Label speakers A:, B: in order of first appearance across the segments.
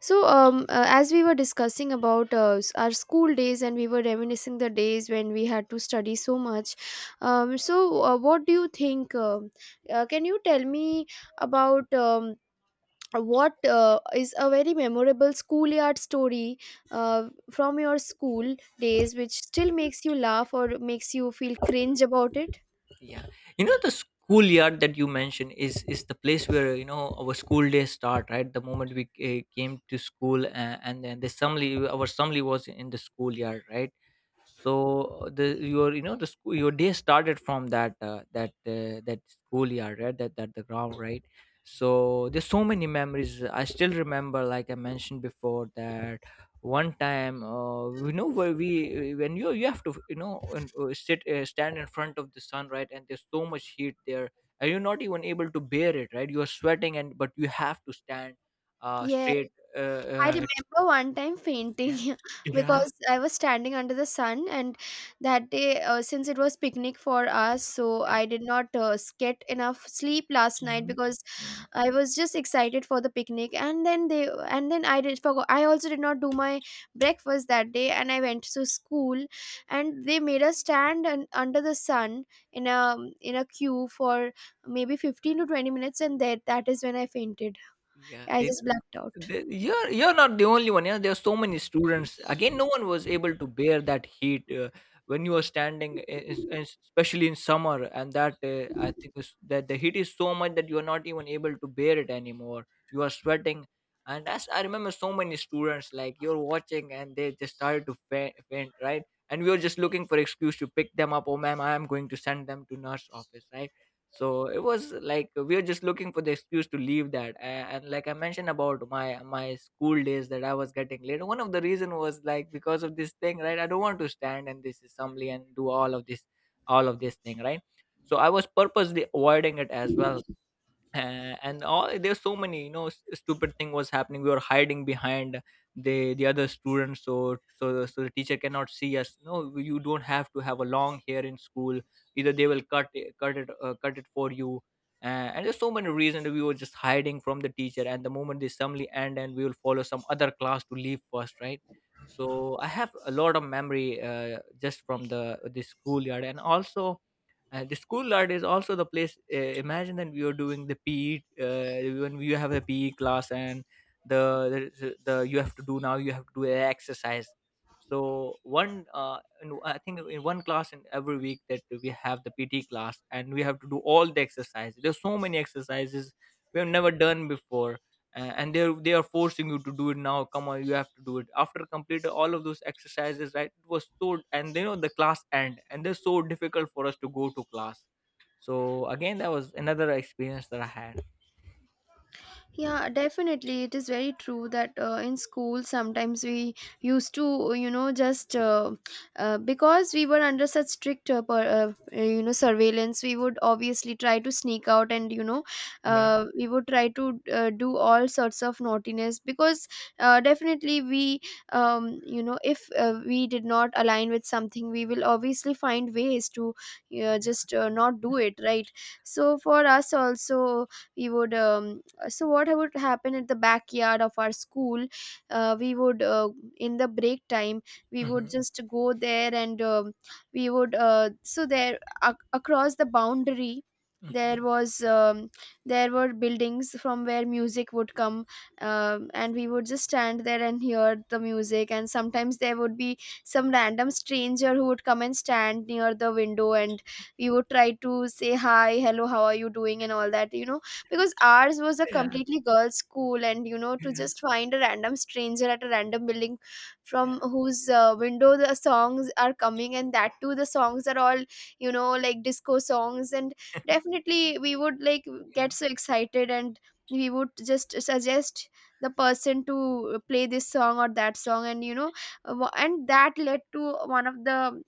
A: As we were discussing about our school days and we were reminiscing the days when we had to study so much, um, so what do you think? Can you tell me about what is a very memorable schoolyard story uh, from your school days which still makes you laugh or makes you feel
B: Yeah,
A: cringe about it?
B: yeah. You know, the schoolyard that you mentioned is the place where, our school days start, right? The moment we came to school, and then the assembly, our assembly, was in the schoolyard, right? So the your, the school, your day started from that schoolyard, right? That the ground, right? So there's so many memories. I still remember, like I mentioned before, that one time, you know, where we when you have to, sit stand in front of the sun, right? And there's so much heat there, and you're not even able to bear it, right? You're sweating, and but you have to stand
A: Yeah.
B: straight
A: I remember one time fainting
B: yeah, yeah, yeah.
A: because I was standing under the sun, and that day, since it was picnic for us, so I did not get enough sleep last night
B: Mhm.
A: because
B: Mm,
A: I was just excited for the picnic. And then I did forgot. I also did not do my breakfast that day, and I went to school, and they made us stand under the sun in a queue for maybe 15 to 20 minutes, and that is when I fainted.
B: yeah.
A: I just blacked out.
B: The You're not the only one. Yeah, there are so many students. Again, no one was able to bear that heat, when you are standing, especially in summer. And that, I think, is that the heat is so much that you are not even able to bear it anymore. You are sweating, and as I remember, so many students like you're watching, and they just started to faint, right? And we were just looking for excuse to pick them up. Oh, ma'am, I am going to send them to nurse office, right? So it was like we were just looking for the excuse to leave that. And like I mentioned about my school days, that I was getting late, one of the reason was like because of this thing, right? I don't want to stand in this assembly and do all of this thing, right? So I was purposely avoiding it as well. And all, there's so many, you know, stupid thing was happening. We were hiding behind the other students, so the teacher cannot see us. No, you don't have to have a long hair in school, either they will cut it for you uh, and there's so many reasons we were just hiding from the teacher, and the moment they suddenly end, and we will follow some other class to leave first, right? So I have a lot of memory, just from the schoolyard, and also. And the school yard is also the place, imagine that we are doing the PE, when you have a PE class. And the you have to do, now you have to do a exercise. So one, I think in one class in every week, that we have the PT class, and we have to do all the exercises. There's so many exercises we have never done before. And they are forcing you to do it, now come on, you have to do it. After completing all of those exercises, right, it was so, and you know the class end, and they're so difficult for us to go to class. So again, that was another experience that I had.
A: Yeah, definitely. It is very true that in school sometimes we used to, you know, just because we were under such strict, you know, surveillance, we would obviously try to sneak out and, you know,
B: Yeah,
A: we would try to do all sorts of naughtiness because definitely we, you know, if we did not align with something, we will obviously find ways to
B: yeah.
A: just not do it, right? So for us also, we would. So what would happen at the backyard of our school we would in the break time we would
B: Hmm.
A: just go there and we would so there across the boundary
B: Hmm.
A: there was there were buildings from where music would come, and we would just stand there and hear the music, and sometimes there would be some random stranger who would come and stand near the window, and we would try to say hi, hello, how are you doing and all that, you know, because ours was a
B: Yeah,
A: completely girls school. And you know, to
B: yeah,
A: just find a random stranger at a random building
B: yeah,
A: from whose window the songs are coming, and that too the songs are all, you know, like disco songs, and definitely we would like get
B: yeah,
A: so excited, and we would just suggest the person to play this song or that song, and you know, and that led to one of the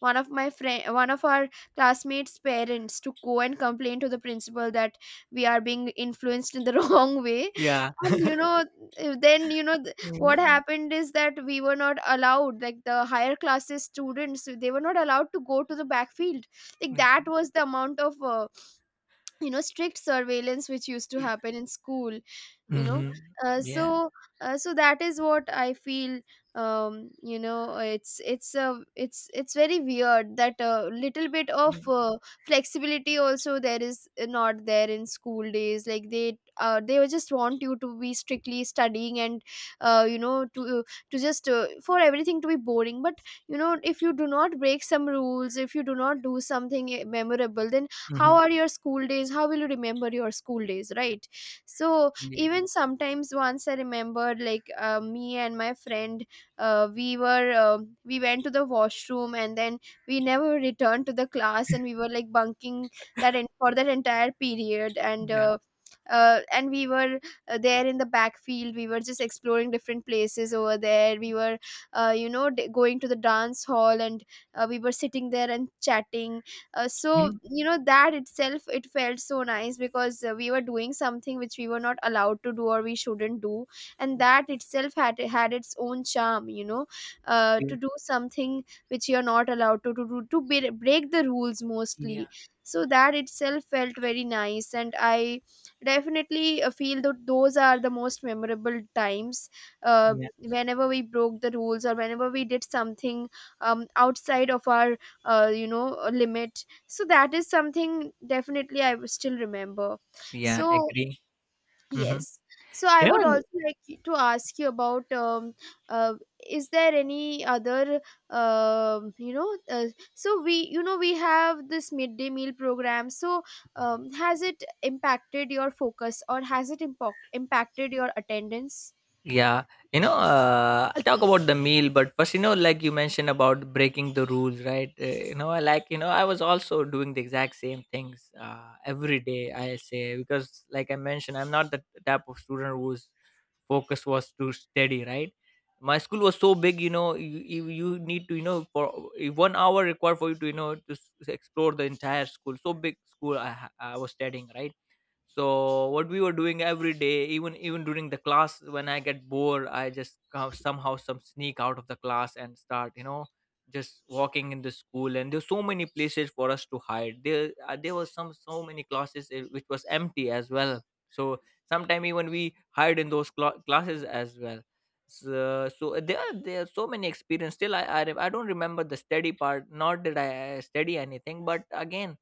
A: one of my friend, one of our classmates parents, to go and complain to the principal that we are being influenced in the wrong way.
B: yeah.
A: And you know, then you know what
B: Mm-hmm.
A: happened is that we were not allowed, like the higher classes students, they were not allowed to go to the backfield. Like that was the amount of you know, strict surveillance which used to
B: Yeah. Mm-hmm. Yeah.
A: happen in school, you know.
B: Mhm.
A: uh,
B: Yeah,
A: so so that is what I feel. You know, it's very weird that a little bit of
B: yeah.
A: flexibility also there is not there in school days. Like they just want you to be strictly studying and you know, to just for everything to be boring. But you know, if you do not break some rules, if you do not do something memorable, then how are your school days, how will you remember your school days, right? So even sometimes, once I remember, like me and my friend uh, we were uh, we went to the washroom, and then we never returned to the class, and we were like bunking that for that entire period. And and we were there in the backfield, we were just exploring different places over there. We were you know, going to the dance hall, and we were sitting there and chatting. So
B: Mhm.
A: you know, that itself, it felt so nice because we were doing something which we were not allowed to do or we shouldn't do, and that itself had its own charm, you know, to do something which you're not allowed to do, to be, break the rules
B: Yeah,
A: mostly. So that itself felt very nice, and I definitely feel that those are the most memorable times,
B: yeah,
A: whenever we broke the rules or whenever we did something outside of our you know, limit. So that is something definitely I will still remember.
B: yeah,
A: So
B: agree. Hmm.
A: yes, so I
B: You
A: would
B: know.
A: also like to ask you about uh, is there any other um you know uh, so we, you know, we have this midday meal program. So has it impacted your focus, or has it impacted your attendance?
B: Yeah, I'll talk about the meal, but first, you know, like you mentioned about breaking the rules, right? You know, I like, I was also doing the exact same things, every day, I say, because, like I mentioned, I'm not the type of student whose focus was to study, right? My school was so big, you know, you need to, you know, for 1 hour required for you to, you know, explore the entire school. So big school I, I was studying, right? So what we were doing every day, even during the class, when I get bored, I just somehow some sneak out of the class, and start, you know, just walking in the school. And there's so many places for us to hide there, there was some, so many classes, which was empty as well. So sometime even we hide in those classes as well. So, there are so many experience. Still, I don't remember the study part, not that I, study anything, but again.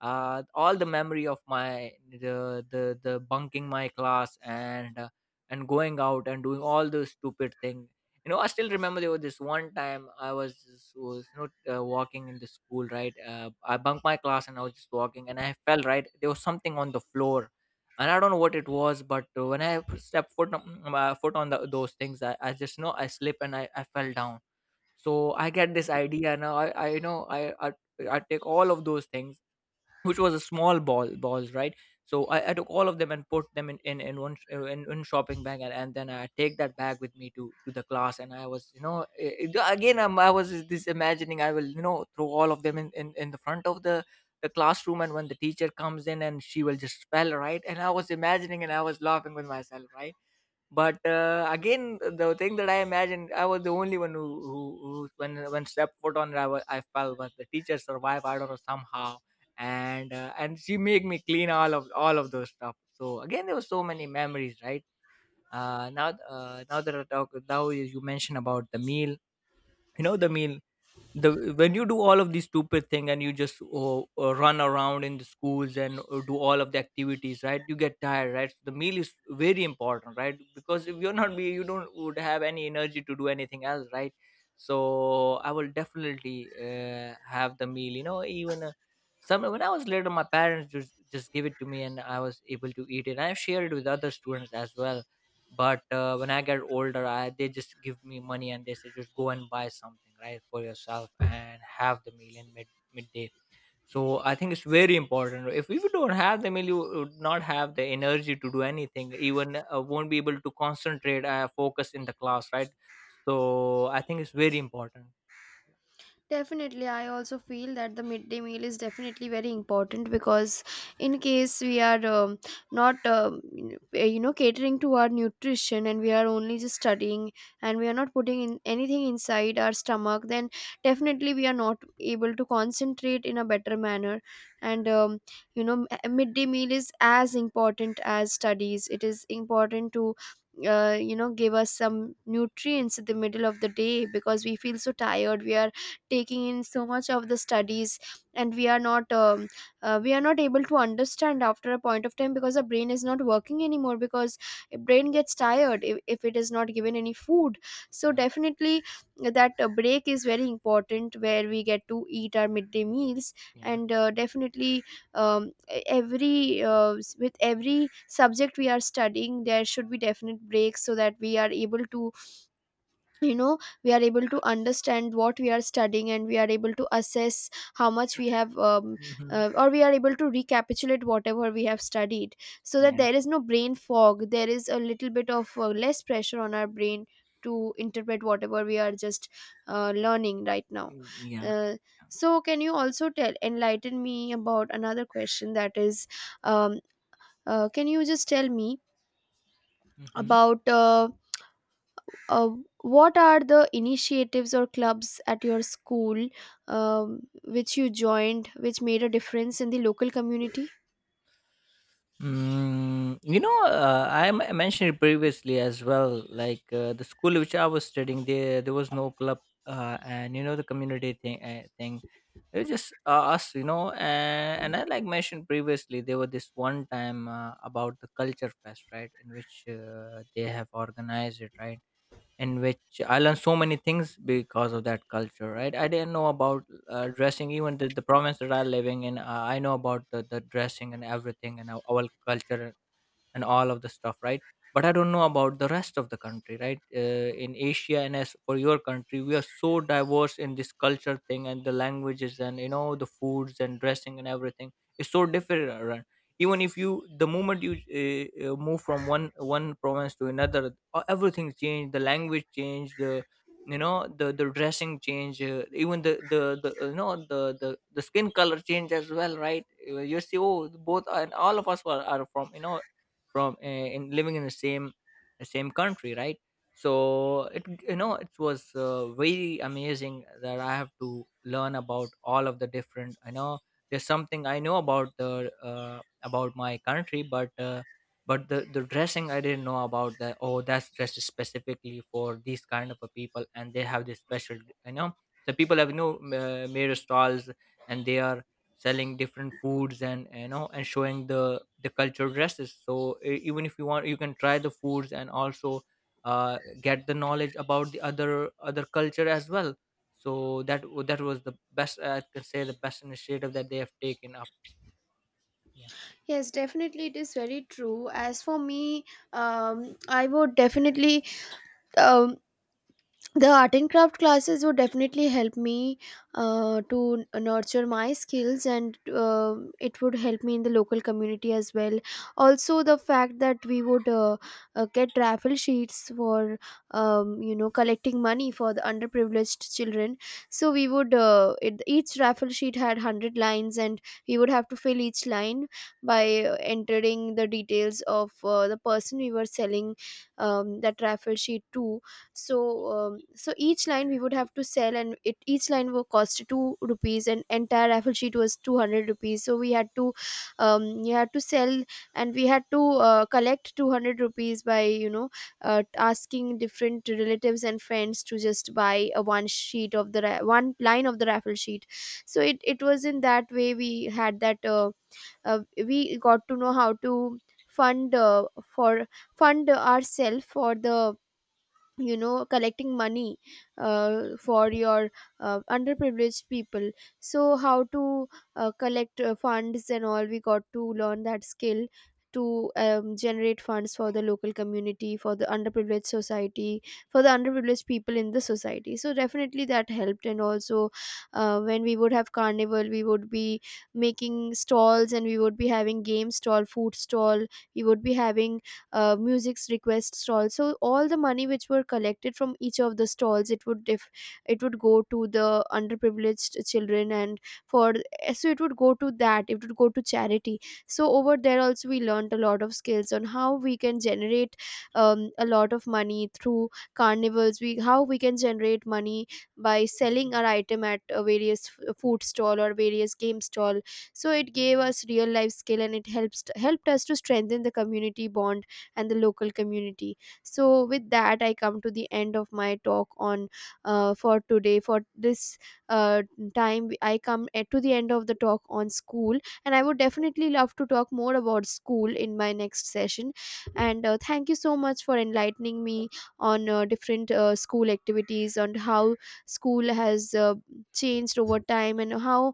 B: All the memory of my, the bunking my class, and and going out and doing all the stupid thing. You know, I still remember there was this one time I was was, you know, walking in the school, right? I bunked my class and I was just walking, and I fell, right? There was something on the floor, and I don't know what it was, but when I stepped foot on, my foot on the, those things, I just know I slip, and I fell down. So I get this idea. Now I, you know, I, i, take all of those things, which was a small balls, right? So I took all of them and put them in one sh- in shopping bag, and then I take that bag with me to the class. And I was, you know, again, I was this imagining I will, you know, throw all of them in the front of the classroom, and when the teacher comes in, and she will just spell, right. And I was imagining, and I was laughing with myself, right. But, again, the thing that I imagined, I was the only one who, when stepped foot on it, I was, I fell, but the teacher survived, I don't know, somehow. And she made me clean all of those stuff. So, again, there were so many memories, right? Now that I talk, now you mentioned about the meal, you know, the meal. The When you do all of these stupid thing, and you just, oh, run around in the schools and do all of the activities, right? You get tired, right? So, the meal is very important, right? Because if you're not be, you don't would have any energy to do anything else, right? So I will definitely, have the meal, you know, even, some when I was little, my parents just give it to me, and I was able to eat it. I share it with other students as well. But, when I get older, I they just give me money, and they say just go and buy something, right, for yourself, and have the meal in midday. So I think it's very important. If you don't have the meal, you would not have the energy to do anything, even, won't be able to concentrate, focus in the class, right? So I think it's very important.
A: Definitely, I also feel that the midday meal is definitely very important because, in case we are not, eh, you know, catering to our nutrition, and we are only just studying, and we are not putting in anything inside our stomach, then definitely we are not able to concentrate in a better manner. And, you know, a midday meal is as important as studies. It is important to you know, give us some nutrients in the middle of the day, because we feel so tired, we are taking in so much of the studies, and we are not able to understand after a point of time, because the brain is not working anymore, because brain gets tired if it is not given any food. So
B: Yeah,
A: definitely that break is very important, where we get to eat our midday meals.
B: yeah.
A: And definitely every with every subject we are studying, there should be definite breaks so that we are able to, you know, we are able to understand what we are studying, and we are able to assess how much we have
B: Hmm.
A: or we are able to recapitulate whatever we have studied, so that
B: Yeah,
A: there is no brain fog, there is a little bit of less pressure on our brain to interpret whatever we are just learning right now.
B: yeah.
A: uh, so can you also tell, enlighten me about another question, that is, um, can you just tell me
B: Hmm.
A: about uh, what are the initiatives or clubs at your school, which you joined which made a difference in the local community?
B: Mm, you know, mentioned it previously as well. Like, the school which I was studying, there was no club, and you know the community thing. Thing, it was just, us, you know. And I like mentioned previously, there was this one time, about the culture fest, right? In which, they have organized it, right? In which I learned so many things because of that culture, right? I didn't know about, dressing, even the province that I'm living in. I know about the dressing and everything, and our culture, and all of the stuff, right. But I don't know about the rest of the country, right? In Asia, and as for your country, we are so diverse in this culture thing, and the languages, and you know the foods, and dressing and everything is so different around. Even if you, the moment you move from one province to another, everything changed, the language changed, the, you know, the dressing change, even the you know, the skin color change as well, right. You see, oh both, and all of us are from, you know, from, in living in the same country, right. So it, you know, it was, very amazing, that I have to learn about all of the different. I know there's something I know about the, about my country, but, but the dressing, I didn't know about that, oh that's dressed specifically for these kind of a people, and they have this special, you know, the people have, you know, made stalls, and they are selling different foods, and you know, and showing the culture dresses. So, even if you want, you can try the foods, and also, get the knowledge about the other other culture as well. So that, that was the best, I can say, the best initiative that they have taken up.
A: Yes, definitely, it is very true. As for me, I would definitely um, the art and craft classes would definitely help me to nurture my skills, and it would help me in the local community as well. Also the fact that we would get raffle sheets for you know, collecting money for the underprivileged children. So we would each raffle sheet had 100 lines, and we would have to fill each line by entering the details of the person we were selling that raffle sheet to. So so each line we would have to sell, and it, each line will cost two rupees, and entire raffle sheet was 200 rupees. So we had to, you had to sell, and we had to collect 200 rupees by, you know, asking different relatives and friends to just buy a one sheet of the one line of the raffle sheet. So it was in that way we had that we got to know how to fund for, fund ourselves for the, you know, collecting money for your underprivileged people. So how to collect funds and all, we got to learn that skill to generate funds for the local community, for the underprivileged society, for the underprivileged people in the society. So definitely that helped. And also when we would have carnival, we would be making stalls, and we would be having game stall, food stall, we would be having music's request stall. So all the money which were collected from each of the stalls, it would if it would go to the underprivileged children, and for, so it would go to that, it would go to charity. So over there also, we learned a lot of skills on how we can generate a lot of money through carnivals, we how we can generate money by selling our item at a various food stall or various game stall. So it gave us real life skill, and it helps helped us to strengthen the community bond and the local community. So, with that, I come to the end of my talk on for today. For this uh, time, I come to the end of the talk on school, and I would definitely love to talk more about school in my next session. And thank you so much for enlightening me on different school activities, on how school has changed over time, and how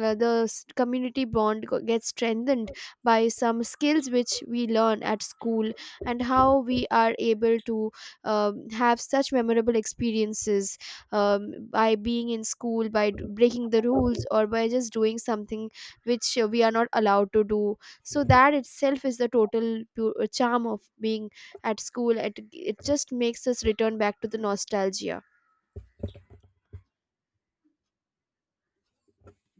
A: the community bond gets strengthened by some skills which we learn at school, and how we are able to have such memorable experiences by being in school, by breaking the rules or by just doing something which we are not allowed to do. So that itself is the total charm of being at school. It just makes us return back to the nostalgia.